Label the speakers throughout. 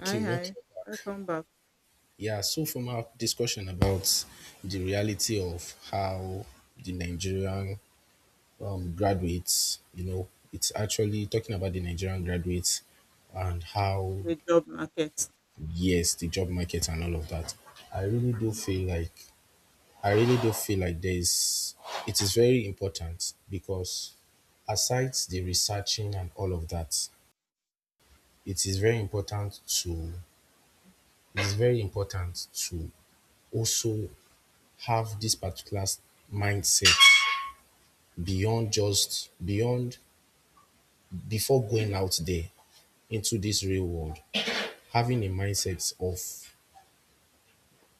Speaker 1: Hi,
Speaker 2: welcome
Speaker 1: hi.
Speaker 2: back.
Speaker 1: Welcome back
Speaker 2: Yeah, so from our discussion about the reality of how the Nigerian graduates, you know, it's actually talking about the Nigerian graduates and how,
Speaker 1: to the job market.
Speaker 2: yes, the job market and all of that. I really do feel like, I really do feel like it is very important because aside the researching and all of that, it is very important to, it is very important to also have this particular mindset beyond just beyond before going out there into this real world, having a mindset of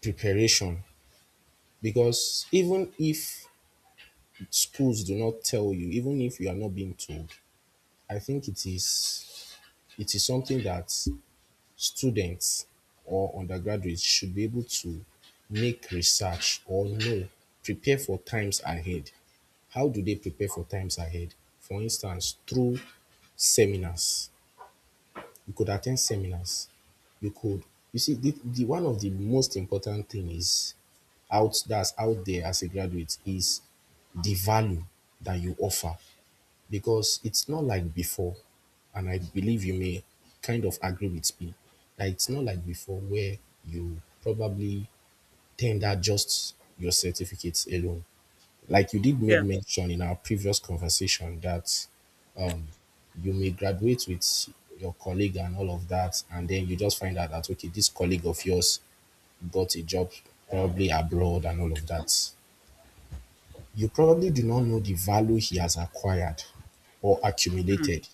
Speaker 2: preparation. Because even if schools do not tell you, even if you are not being told, I think it is, it is something that students or undergraduates should be able to make research or know, prepare for times ahead. How do they prepare for times ahead? For instance, through seminars. You could attend seminars. You could, you see, the one of the most important thing is out, that's out there as a graduate, is the value that you offer, because it's not like before, and I believe you may kind of agree with me that it's not like before, where you probably tender just your certificates alone. Like you did made
Speaker 1: Yeah.
Speaker 2: mention in our previous conversation that you may graduate with your colleague and all of that, and then you just find out that, okay, this colleague of yours got a job probably abroad and all of that. You probably do not know the value he has acquired or
Speaker 1: Mm,
Speaker 2: accumulated,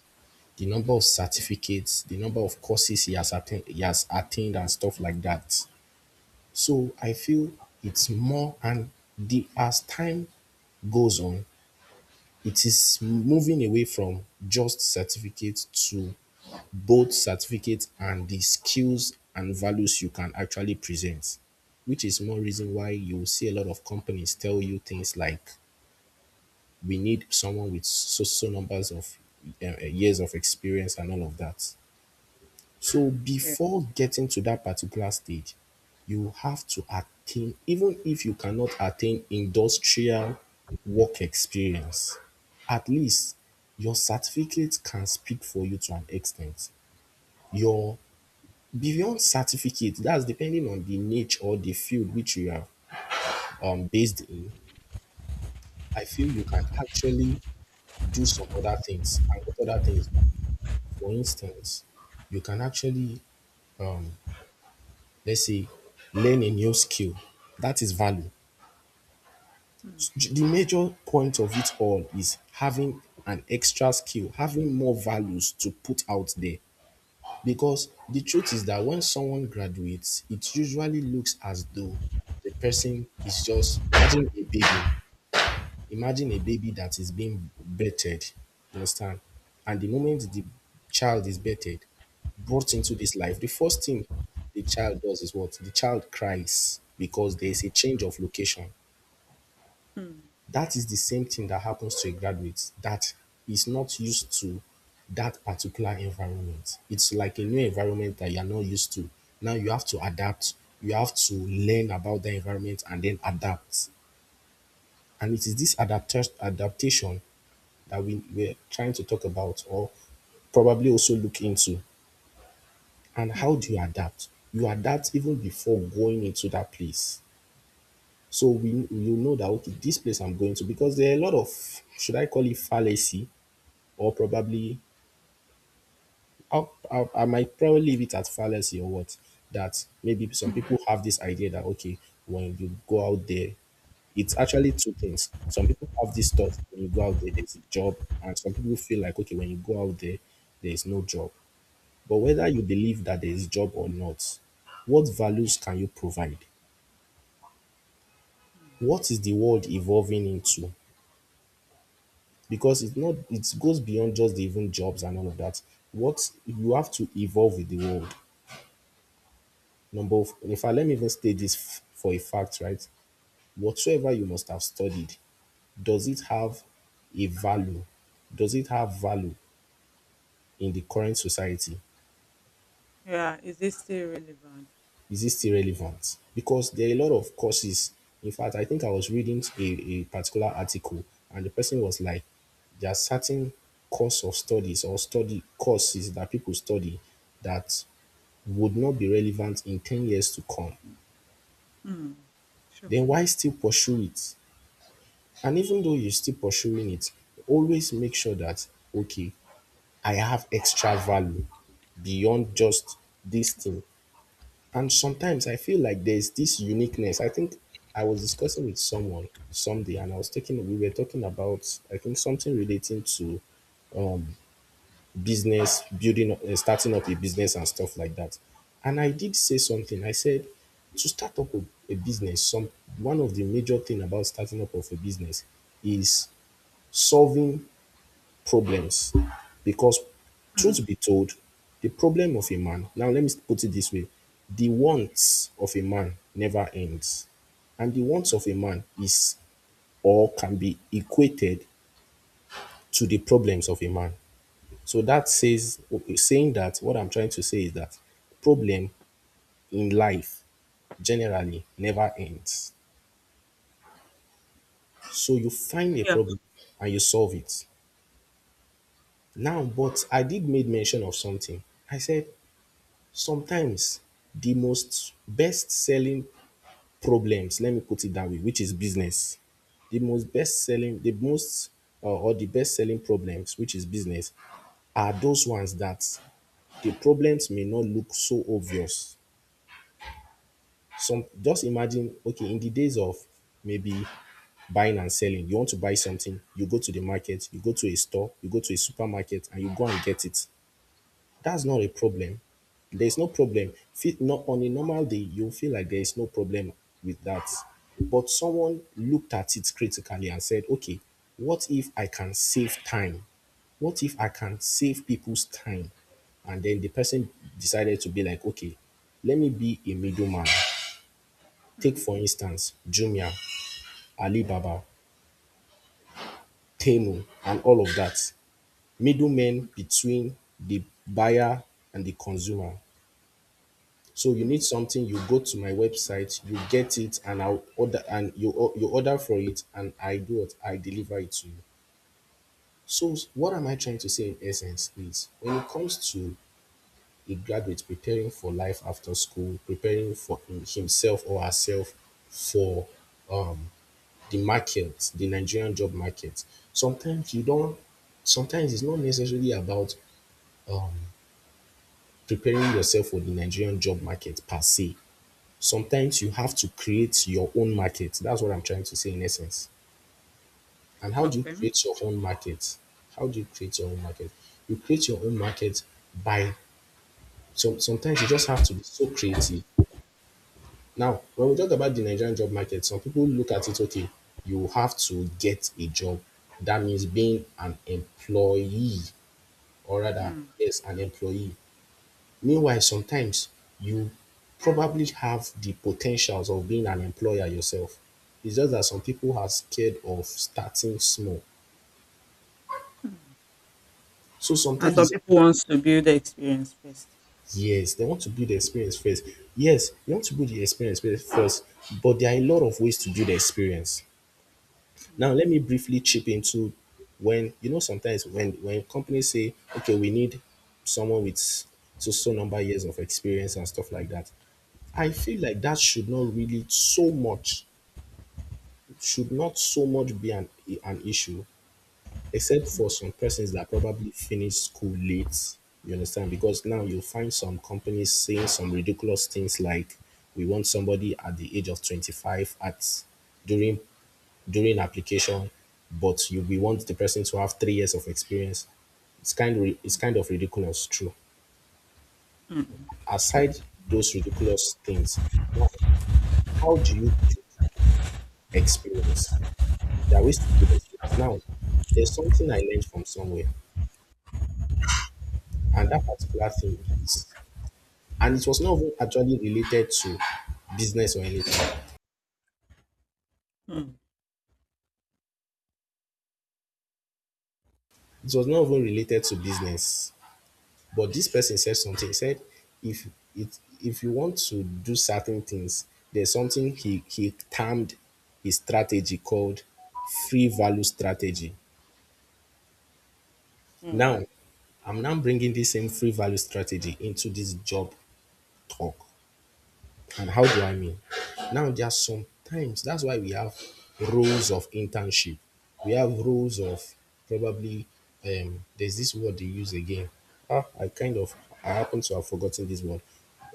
Speaker 2: the number of certificates, the number of courses he has he has attained and stuff like that. So I feel it's more, and the as time goes on, it is moving away from just certificates to both certificates and the skills and values you can actually present, which is more
Speaker 1: mm,
Speaker 2: reason why you will see a lot of companies tell you things like, we need someone with so so numbers of years of experience and all of that. So
Speaker 1: yeah.
Speaker 2: before getting to that particular stage, you have to attain, even if you cannot attain industrial work experience, at least your certificate can speak for you to an extent. Your beyond certificate, that's depending on the niche or the field which you are based in, I feel you can actually do some other things. And what other things? For instance, you can actually, um, let's say, learn a new skill. That is value.
Speaker 1: Mm,
Speaker 2: The major point of it all is having an extra skill, having more values to put out there. Because the truth is that when someone graduates, it usually looks as though the person is just, imagine a baby. Imagine a baby that is being birthed, you understand? And the moment the child is birthed, brought into this life, the first thing the child does is what? The child cries because there is a change of location.
Speaker 1: mm,
Speaker 2: That is the same thing that happens to a graduate that is not used to that particular environment. It's like a new environment that you are not used to. Now you have to adapt. You have to learn about the environment and then adapt. And it is this adaptation that we're trying to talk about or probably also look into. And how do
Speaker 1: mm,
Speaker 2: you adapt? You adapt even before going into that place, so we, you know that, okay, this place I'm going to, because there are a lot of, should I call it fallacy or probably i, I might probably leave it at fallacy or what, that maybe some
Speaker 1: mm,
Speaker 2: people have this idea that, okay, when you go out there, it's actually two things. Some people have this thought, when you go out there there's a job, and some people feel like, okay, when you go out there there is no job. But whether you believe that there is job or not, what values can you provide?
Speaker 1: mm.
Speaker 2: What is the world evolving into? Because it's not, it goes beyond just the even jobs and all of that. What, you have to evolve with the world. Number of, in fact, let me even state this for a fact, right? Whatsoever you must have studied, does it have a value? Does it have value in the current society?
Speaker 1: Yeah. Is this still relevant?
Speaker 2: Is it still relevant? Because there are a lot of courses. In fact, I think I was reading a particular article and the person was like, there are certain course of studies or study courses that people study that would not be relevant in 10 years to come.
Speaker 1: Mm, sure.
Speaker 2: Then why still pursue it? And even though you're still pursuing it, always make sure that, okay, I have extra value beyond just this thing. And sometimes I feel like there's this uniqueness. I think I was discussing with someone someday, and I was taking, we were talking about, I think, something relating to business building, starting up a business and stuff like that. And I did say something. I said, to start up a business, some one of the major thing about starting up of a business is solving problems, because
Speaker 1: Mm,
Speaker 2: truth be told, the problem of a man, now let me put it this way, the wants of a man never ends, and the wants of
Speaker 1: mm,
Speaker 2: a man is or can be equated to the problems of a man. So that says, saying that, what I'm trying to say is that problem in life generally never ends. So you find a
Speaker 1: yeah.
Speaker 2: problem and you solve it. Now, but I did made mention of something. I said, sometimes the most best selling problems, let me put it that way, which is business, the most best selling, the most or the best selling problems, which is business, are those ones that the problems may not look so obvious. Some, just imagine, okay, in the days of maybe buying and selling, you want to buy something, you go to the market, you go to a store, you go to a supermarket, and you go and get it. That's not a problem. There's no problem. Feel, no, on a normal day, you'll feel like there's no problem with that. But someone looked at it critically and said, okay, what if I can save time? What if I can save people's time? And then the person decided to be like, okay, let me be a middleman. Take,
Speaker 1: Mm,
Speaker 2: for instance, Jumia, Alibaba, Temu, and all of that. Middlemen between the buyer and the consumer. So you need
Speaker 1: mm,
Speaker 2: something, you go to my website, you get it, and I'll order, and you you order for it, and I do what, I deliver it to you. So what am I trying to say in essence is, when it comes to a graduate preparing for life after school, preparing for himself or herself for the market, the Nigerian job market, sometimes you don't, sometimes it's not necessarily about preparing yourself for the Nigerian job market per se. Sometimes you have
Speaker 1: mm.
Speaker 2: to create your own market. That's what I'm trying to say in essence. And how do you
Speaker 1: Okay.
Speaker 2: create your own market? How do you create your own market? You create your own market by, so sometimes you just have to be so creative. Now, when we talk about the Nigerian job market, some people look at it, okay, you have to get a job. That means being an employee, or rather,
Speaker 1: Mm,
Speaker 2: yes, an employee. Meanwhile, sometimes you probably have the potentials of being an employer yourself. It's just that some people are scared of starting small.
Speaker 1: mm.
Speaker 2: So
Speaker 1: And
Speaker 2: sometimes
Speaker 1: some
Speaker 2: it's,
Speaker 1: people wants to build the experience first.
Speaker 2: yes, they want to build the experience first. Yes, you want to build the experience first, but there are a lot of ways to build the experience. Now,
Speaker 1: Mm,
Speaker 2: let me briefly chip into, when you know sometimes when companies say, okay, we need someone with so so number years of experience and stuff like that. I feel like that should not really so much, should not so much be an issue, except for some persons that probably finish school late. You understand? Because now you will find some companies saying some ridiculous things like, we want somebody at the age of 25 at during during application, but you we want the person to have 3 years of experience. It's kind of, it's kind of ridiculous, true.
Speaker 1: mm, sure.
Speaker 2: Aside those ridiculous things, now how do you build experience? There are ways to build experience. Now, there's something I learned from somewhere, and that particular thing is, and it was not even actually related to business or anything.
Speaker 1: Mm,
Speaker 2: It was not even related to business. But this person said something. He said, if it if you want to do certain things, there's something he termed his strategy called free value strategy.
Speaker 1: mm,
Speaker 2: Now, I'm now bringing this same free value strategy into this job talk. And how do I mean? Now, there are sometimes that's why we have roles of internship. We have roles of probably there's this word they use again. Ah, I kind of I happen to have forgotten this word.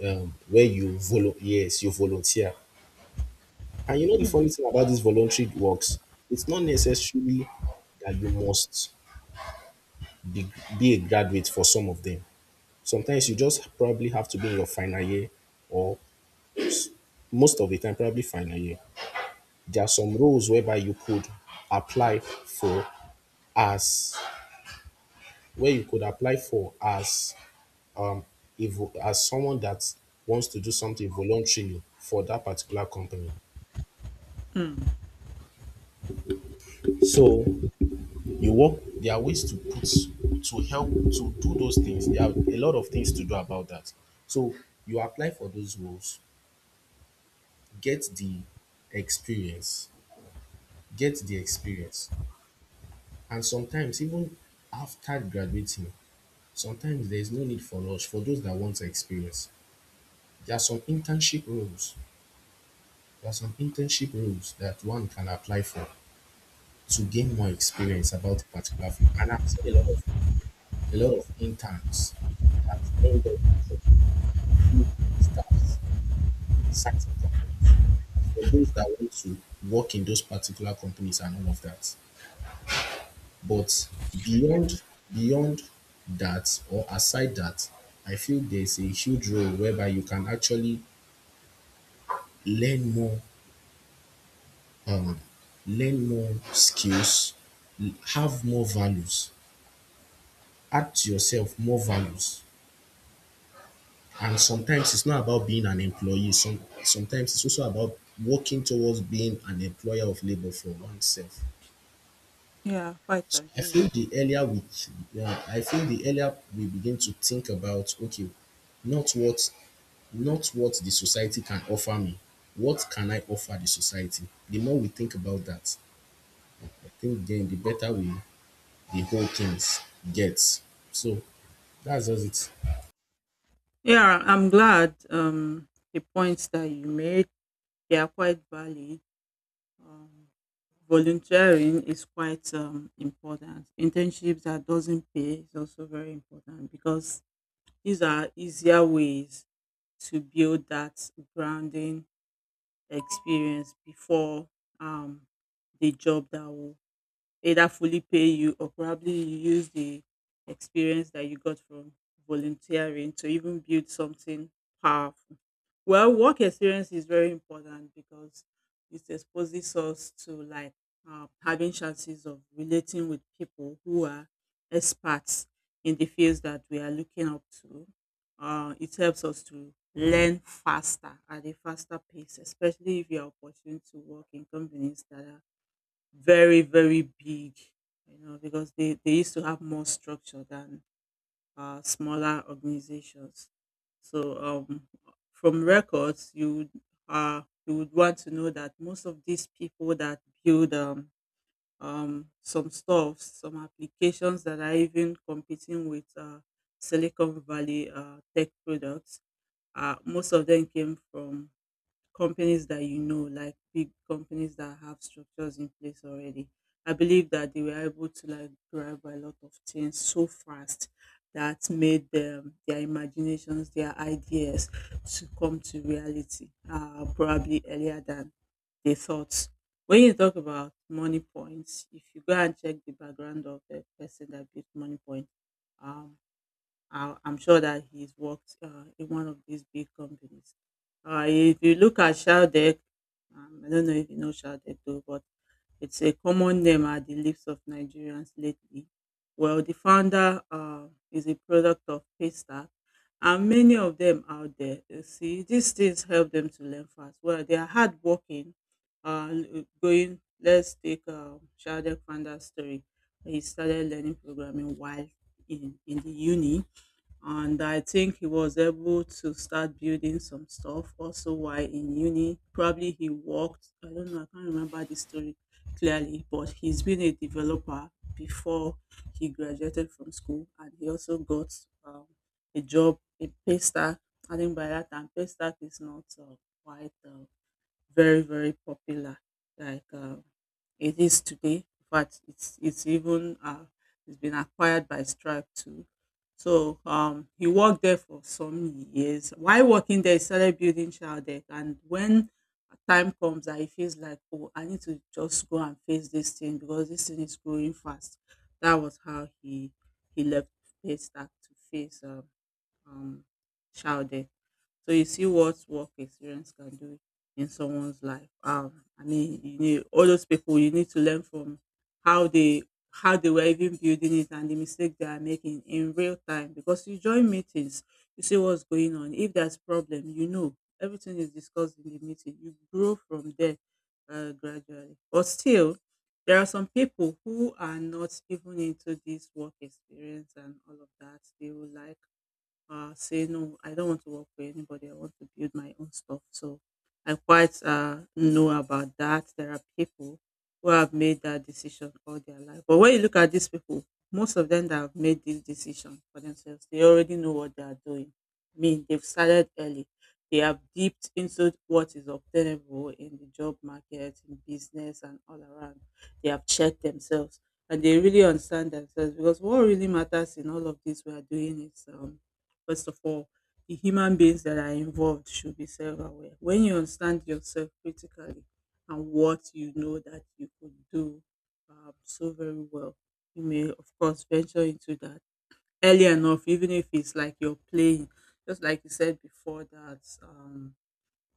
Speaker 2: Where you yes, you volunteer. And you know the
Speaker 1: mm,
Speaker 2: funny thing about these voluntary works, it's not necessarily that you must be, be a graduate for some of them. Sometimes you just probably have to be in your final year, or most of the time, probably final year. There are some roles whereby you could apply for as where you could apply for as as someone that wants to do something voluntarily for that particular company.
Speaker 1: mm.
Speaker 2: So you work. There are ways to put to help to do those things. There are a lot of things to do about that. So you apply for those roles, get the experience, get the experience, and sometimes even after graduating, sometimes there is no need for rush for those that want to experience. There are some internship roles that one can apply for to gain more experience about a particular field. And I've seen a lot of interns that end up from full staffs certain companies for those that want to work in those particular companies and all of that. But beyond beyond that or aside that, I feel there's a huge role whereby you can actually learn more um learn more skills, have more values, add to yourself more values. And sometimes it's not about being an employee. Sometimes it's also about working towards being an employer of labor for oneself.
Speaker 1: Yeah. Quite
Speaker 2: So I
Speaker 1: agree
Speaker 2: feel
Speaker 1: with.
Speaker 2: the earlier we yeah, I feel the earlier we begin to think about, okay, not what not what the society can offer me, what can I offer the society, the more we think about that, I think then the better we the whole things gets. So that's just it.
Speaker 1: Yeah. I'm glad. The points that you made they are quite valid. Um, volunteering is quite important. Internships that doesn't pay is also very important because these are easier ways to build that grounding experience before um, the job that will either fully pay you or probably you use the experience that you got from volunteering to even build something powerful. Well, work experience is very important because it exposes us to, like, having chances of relating with people who are experts in the fields that we are looking up to. It helps us to learn faster at a faster pace, especially if you are opportunity to work in companies that are very, very big, you know, because they used to have more structure than smaller organizations. So from records, you would want to know that most of these people that build, some stuff, some applications that are even competing with Silicon Valley tech products, most of them came from companies that, you know, like big companies that have structures in place already. I believe that they were able to, like, grab a lot of things so fast that made them, their imaginations, their ideas to come to reality probably earlier than they thought. When you talk about money points, if you go and check the background of the person that built money point, um, I'm sure that he's worked in one of these big companies. If you look at Shaldeck, I don't know if you know Shaldeck though, but it's a common name at the lips of Nigerians lately. Well, the founder is a product of Paystack, and many of them out there, you see, these things help them to learn fast. Well, they are hardworking. Uh, l- going, let's take Shaldeck founder's story. He started learning programming while in the uni, and I think he was able to start building some stuff. Also, while in uni, probably he worked. I don't know. I can't remember the story clearly, but he's been a developer before he graduated from school, and he also got um, a job, a pay stack. I think by that time, pay stack is not quite very, very popular like it is today. In fact, it's even it's been acquired by Stripe too. So he worked there for some years. While working there, he started building child deck. And when time comes that he feels like, oh, I need to just go and face this thing because this thing is growing fast. That was how he left Paystack to face, um, Child. So you see what work experience can do in someone's life. I mean, you need all those people. You need to learn from how they how they were even building it and the mistake they are making in real time. Because you join meetings, you see what's going on. If there's problem, you know everything is discussed in the meeting. You grow from there gradually. But still, there are some people who are not even into this work experience and all of that. They will like say no, I don't want to work for anybody. I want to build my own stuff. So I quite know about that. There are people who have made that decision all their life. But when you look at these people, most of them that have made this decision for themselves, they already know what they are doing. I mean, they've started early. They have dipped into what is obtainable in the job market, in business, and all around. They have checked themselves and they really understand themselves, because what really matters in all of this we are doing is, first of all, the human beings that are involved should be self aware. When you understand yourself critically and what you know that you could do so very well, you may, of course, venture into that early enough, even if it's like you're playing. Just like you said before, that,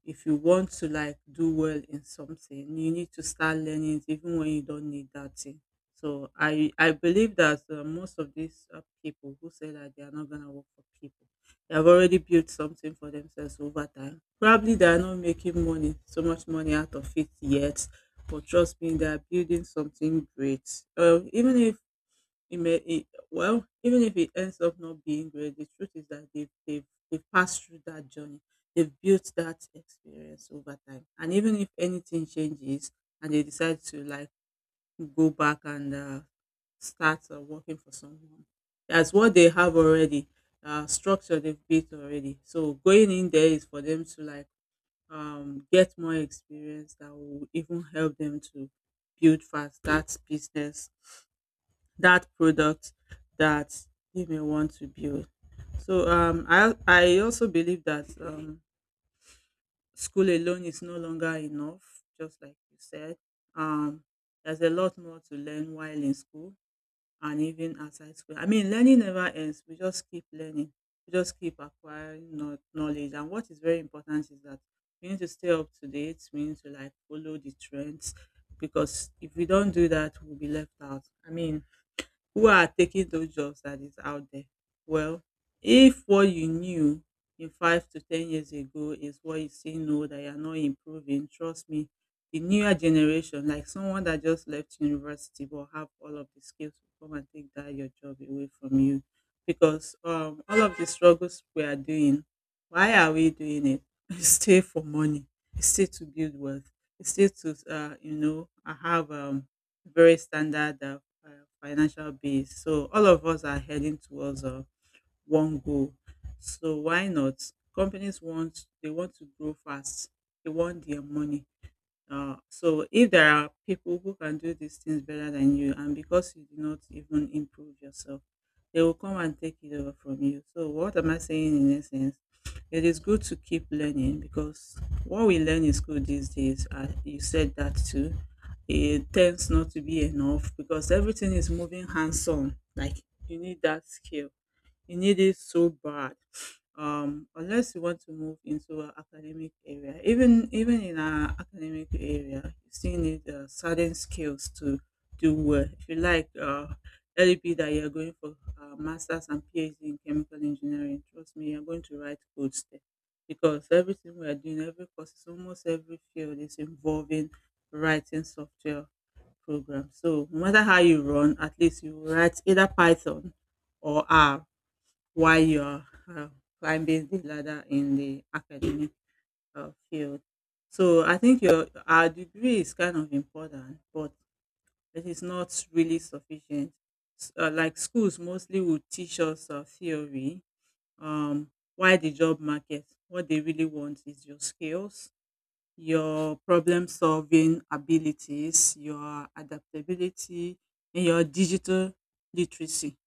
Speaker 1: if you want to, like, do well in something, you need to start learning it even when you don't need that thing. So I believe that most of these people who say that they are not going to work for people, they have already built something for themselves over time. Probably they are not making money, so much money out of it yet, but trust me, they are building something great. Uh, even if it may, it, well, even if it ends up not being great, the truth is that they've passed through that journey. They've built that experience over time. And even if anything changes and they decide to, like, go back and start working for someone, that's what they have already, structure they've built already. So going in there is for them to, like, get more experience that will even help them to build fast that business, that product that they may want to build. So um, I also believe that school alone is no longer enough. Just like you said, um, there's a lot more to learn while in school and even outside school. I mean, learning never ends. We just keep learning. We just keep acquiring knowledge. And what is very important is that we need to stay up to date. We need to, like, follow the trends, because if we don't do that, we'll be left out. I mean, who are taking those jobs that is out there? Well, if what you knew in 5 to 10 years ago is what you see now, that you're not improving, trust me, the newer generation, like someone that just left university, will have all of the skills, will come and take that your job away from you. Because all of the struggles we are doing, why are we doing it? It's still for money. It's still to build wealth. It's still to, you know, I have, very standard uh, financial base. So all of us are heading towards one goal. So why not? Companies want, they want to grow fast. They want their money. So if there are people who can do these things better than you, and because you do not even improve yourself, they will come and take it over from you. So what am I saying in essence? It is good to keep learning, because what we learn in school these days, you said that too, it tends not to be enough, because everything is moving hands on. Like, you need that skill, you need it so bad. Unless you want to move into an academic area, even in an academic area, you still need certain skills to do well. If you like, let it be that you're going for masters and PhD in chemical engineering. Trust me, you're going to write codes there, because everything we are doing, every course, almost every field is involving writing software program. So no matter how you run, at least you write either Python or R while you're climbing the ladder in the academic field. So I think your our degree is kind of important, but it is not really sufficient. S- like schools mostly will teach us theory, why the job market, what they really want is your skills, your problem solving abilities, your adaptability, and your digital literacy.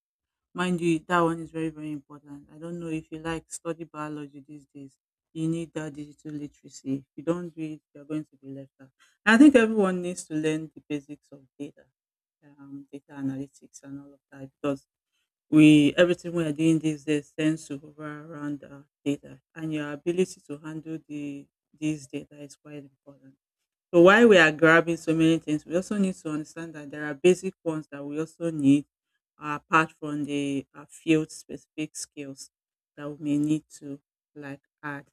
Speaker 1: Mind you, that one is very, very important. I don't know if you like study biology these days. You need that digital literacy. If you don't do it, you're going to be left out. I think everyone needs to learn the basics of data, data analytics, and all of that, because we everything we are doing these days tends to hover around data, and your ability to handle these data is quite important. So while we are grabbing so many things, we also need to understand that there are basic ones that we also need apart from the field specific skills that we may need to, like, add.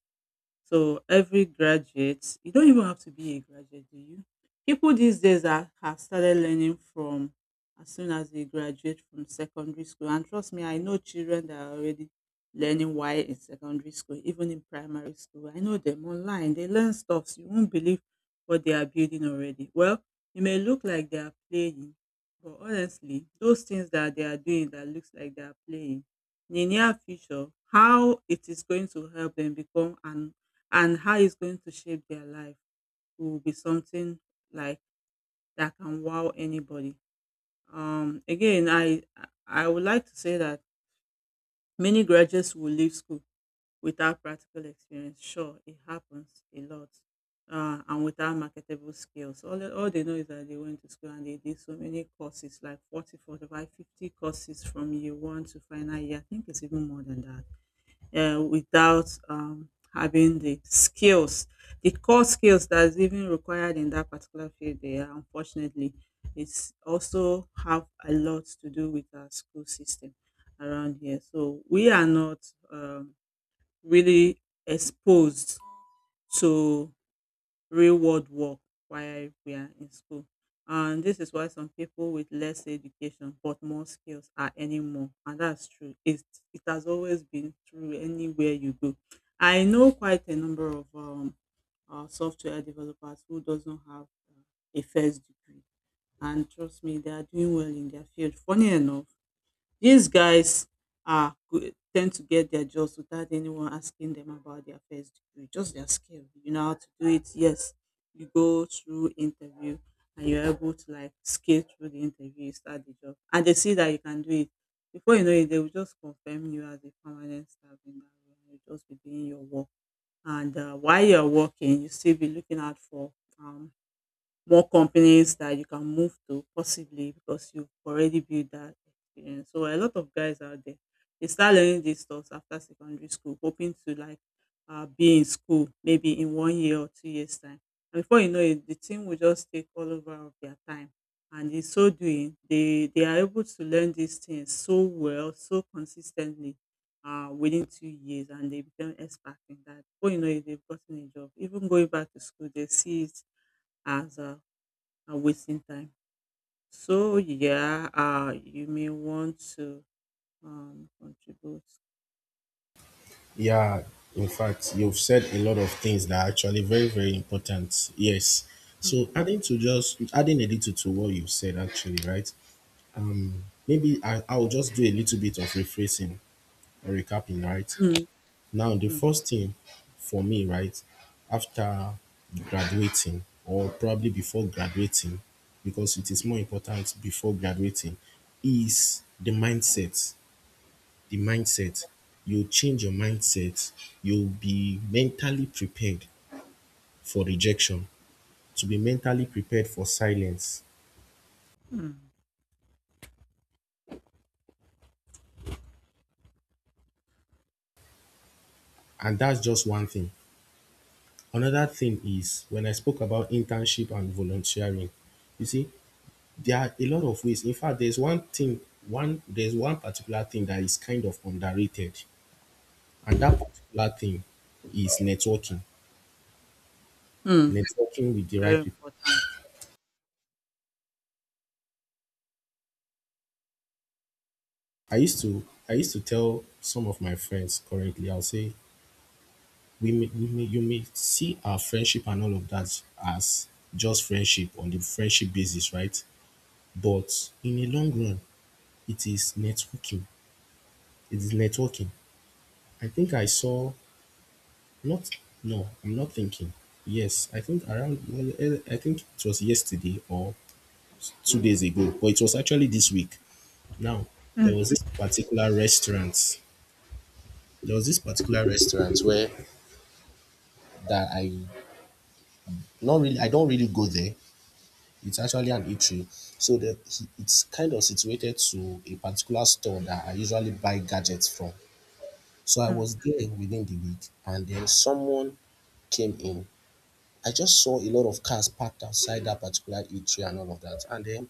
Speaker 1: So every graduate, you don't even have to be a graduate, do you? People these days are, have started learning from as soon as they graduate from secondary school. And trust me, I know children that are already learning why in secondary school, even in primary school. I know them online. They learn stuff. So you won't believe what they are building already. Well, it may look like they are playing, but honestly, those things that they are doing that looks like they are playing in the near future, how it is going to help them become an and how it's going to shape their life will be something like that can wow anybody. Um, again, I I would like to say that many graduates will leave school without practical experience. Sure, it happens a lot, and without marketable skills. All they know is that they went to school and they did so many courses, like 40, 45, 50 courses from year one to final year. I think it's even more than that without having the skills, the core skills that is even required in that particular field. There, unfortunately, it's also have a lot to do with our school system around here. So we are not really exposed to real world work while we are in school. And this is why some people with less education but more skills are earning more. And that's true. It has always been true anywhere you go. I know quite a number of software developers who does not have uh, a first degree. And trust me, they are doing well in their field. Funny enough, these guys tend to get their jobs without anyone asking them about their first degree, just their skill. You know how to do it. Yes, you go through interview and you're able to like scale through the interview, you start the job, and they see that you can do it. Before you know it, they will just confirm you as a permanent staff in that role. You just be doing your work, and while you're working, you still be looking out for um more companies that you can move to possibly because you've already built that experience. So a lot of guys out there they start learning these stuff after secondary school, hoping to like be in school maybe in 1 year or 2 years time. And before you know it, the team will just take all over of their time. And in so doing, they are able to learn these things so well, so consistently within 2 years, and they become expert in that. Before you know it, they've gotten a job. Even going back to school, they see it as and wasting time. So yeah, you may want to contribute.
Speaker 2: Yeah, in fact, you've said a lot of things that are actually very, very important. Yes. So
Speaker 1: Mm,
Speaker 2: adding a little to what you've said actually, right? Maybe I'll just do a little bit of rephrasing or recapping, right?
Speaker 1: mm,
Speaker 2: Now the
Speaker 1: mm,
Speaker 2: first thing for me, right, after graduating or probably before graduating, because it is more important before graduating, is the mindset. You change your mindset. You'll be mentally prepared for rejection, to be mentally prepared for silence.
Speaker 1: mm,
Speaker 2: And that's just one thing. Another thing is when I spoke about internship and volunteering, you see, there are a lot of ways. In fact, there's one particular thing that is kind of underrated. And that particular thing is networking.
Speaker 1: mm.
Speaker 2: Networking with the right
Speaker 1: Very
Speaker 2: people.
Speaker 1: important.
Speaker 2: I used to tell some of my friends currently, I'll say you may see our friendship and all of that as just friendship on the friendship basis, right? But in the long run, it is networking. It is networking. I think I saw not no, I'm not thinking. Yes, I think around I think it was yesterday or 2 days ago, but it was actually this week. Now there
Speaker 1: Mm,
Speaker 2: was this particular restaurant. There was this particular restaurant where that I not really I don't really go there. It's actually an eatery. So it's kind of situated to a particular store that I usually buy gadgets from. So I was
Speaker 1: mm,
Speaker 2: there within the week and then someone came in. I just saw a lot of cars parked outside that particular eatery and all of that. And then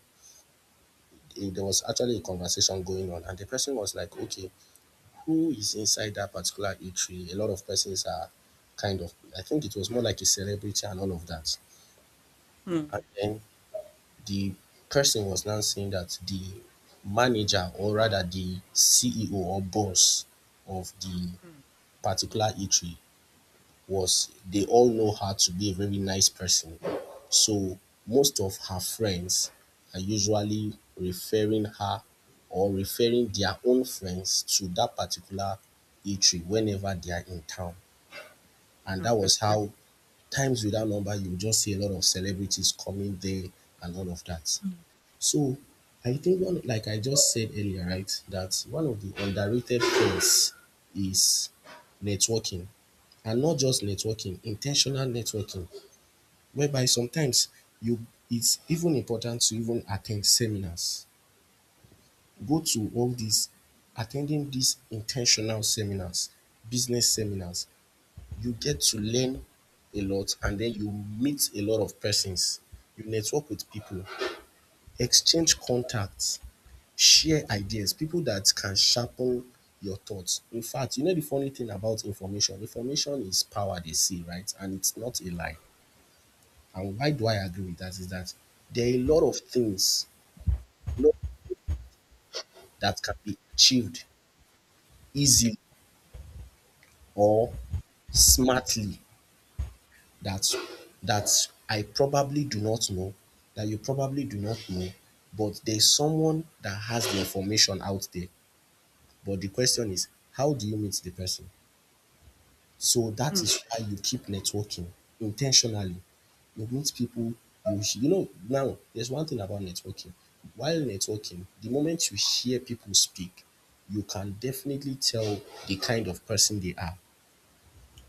Speaker 2: there was actually a conversation going on and the person was like, okay, who is inside that particular eatery? A lot of persons are kind of, I think it was more like a celebrity and all of that. And
Speaker 1: mm,
Speaker 2: then the person was now saying that the manager or rather the CEO or boss of the
Speaker 1: mm.
Speaker 2: particular eatery, was they all know her to be a very nice person. So most of her friends are usually referring her or referring their own friends to that particular eatery whenever they are in town. And that
Speaker 1: Okay.
Speaker 2: was how times without number you just see a lot of celebrities coming there and all of that.
Speaker 1: Mm,
Speaker 2: So I
Speaker 1: mm,
Speaker 2: think one, like I just said earlier, right, that one of the underrated things is networking. And not just networking, intentional networking, whereby sometimes you it's even important to even attend seminars. Go to all these attending these intentional seminars, business seminars. You get to learn a lot and then you meet a lot of persons. You network with people, exchange contacts, share ideas, people that can sharpen your thoughts. In fact, you know the funny thing about information is power, they say, right? And it's not a lie. And why do I agree with that is that there are a lot of things lot that can be achieved easily or smartly that that I probably do not know, that you probably do not know, but there's someone that has the information out there. But the question is, how do you meet the person? So that
Speaker 1: mm.
Speaker 2: is why you keep networking intentionally. You meet people, you know, now there's one thing about networking. While networking, the moment you hear people speak, you can definitely tell the kind of person they are.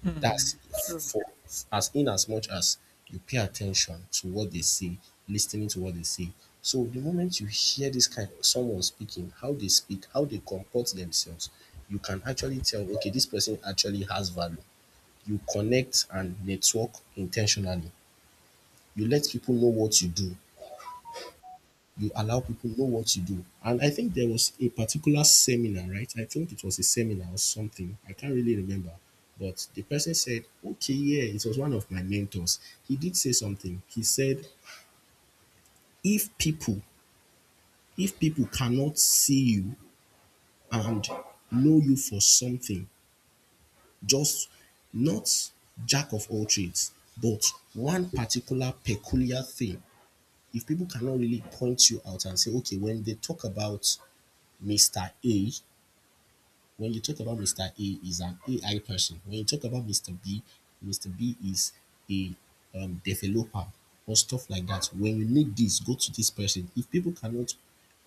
Speaker 1: Mm,
Speaker 2: That's
Speaker 1: true.
Speaker 2: for, as in, as much as you pay attention to what they say, listening to what they say. So the moment you hear this kind of someone speaking, how they speak, how they comport themselves, you can actually tell, okay, this person actually has value. You connect and network intentionally. You let people know what you do. You allow people know what you do. And I think there was a particular seminar, right? I think it was a seminar or something, I can't really remember. But the person said, okay, yeah, it was one of my mentors. He did say something. He said, if people cannot see you and know you for something, just not jack of all trades, but one particular peculiar thing. If people cannot really point you out and say, okay, when they talk about Mr. A, when you talk about Mr. A is an AI person. When you talk about Mr. B, Mr. B is a developer or stuff like that. When you need this, go to this person. If people cannot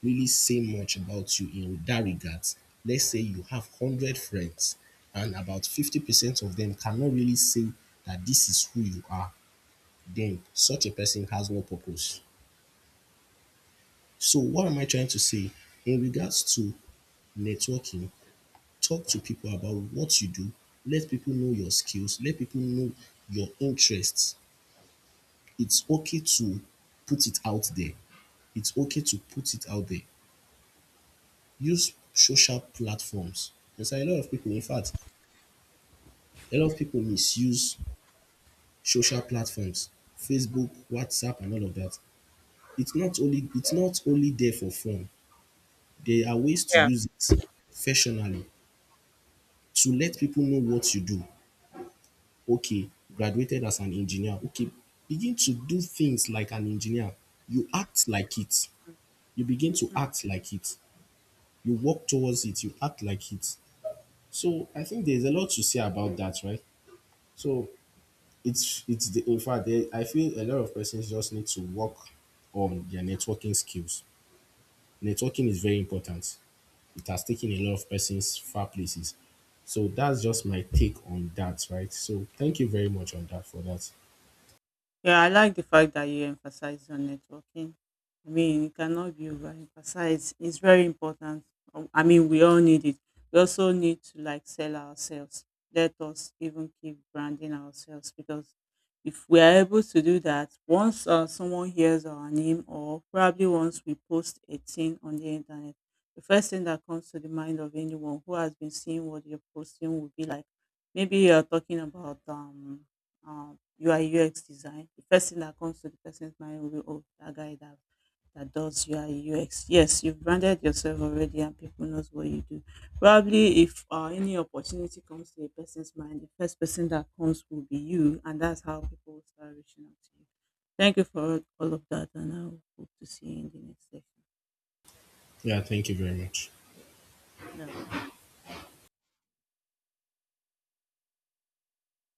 Speaker 2: really say much about you in that regard, let's say you have 100 friends and about 50% of them cannot really say that this is who you are, then such a person has no purpose. So what am I trying to say? In regards to networking, talk to people about what you do. Let people know your skills. Let people know your interests. It's okay to put it out there. It's okay to put it out there. Use social platforms. There's a lot of people, in fact, a lot of people misuse social platforms. Facebook, WhatsApp, and all of that. It's not only there for fun. There are ways to
Speaker 1: Yeah.
Speaker 2: use it fashionally, to let people know what you do. Okay,
Speaker 1: Mm,
Speaker 2: graduated as an engineer. Okay, begin to do things like an engineer. You act like it. You begin to
Speaker 1: mm,
Speaker 2: act like it. You walk towards it. You act like it. So I think there's a lot to say about that, right? So it's the in fact there, I feel a lot of persons just need to work on their networking skills. Networking is very important. It has taken a lot of persons far places. So that's just my take on that, right? So thank you very much on that for that.
Speaker 1: yeah, I like the fact that you emphasize on networking. I mean, it cannot be overemphasized. It's very important. I mean, we all need it. We also need to like sell ourselves. Let us even keep branding ourselves because if we are able to do that, once someone hears our name or probably once we post a thing on the internet, the first thing that comes to the mind of anyone who has been seeing what you're posting will be like, maybe you're talking about uh. UI UX design, the first thing that comes to the person's mind will be, oh, that guy that does UI UX. Yes, you've branded yourself already and people knows what you do. Probably if any opportunity comes to a person's mind, the first person that comes will be you. And that's how people will start reaching out to you. Thank you for all of that. And I hope to see you in the next session.
Speaker 2: Yeah, thank you very much.
Speaker 1: Yeah.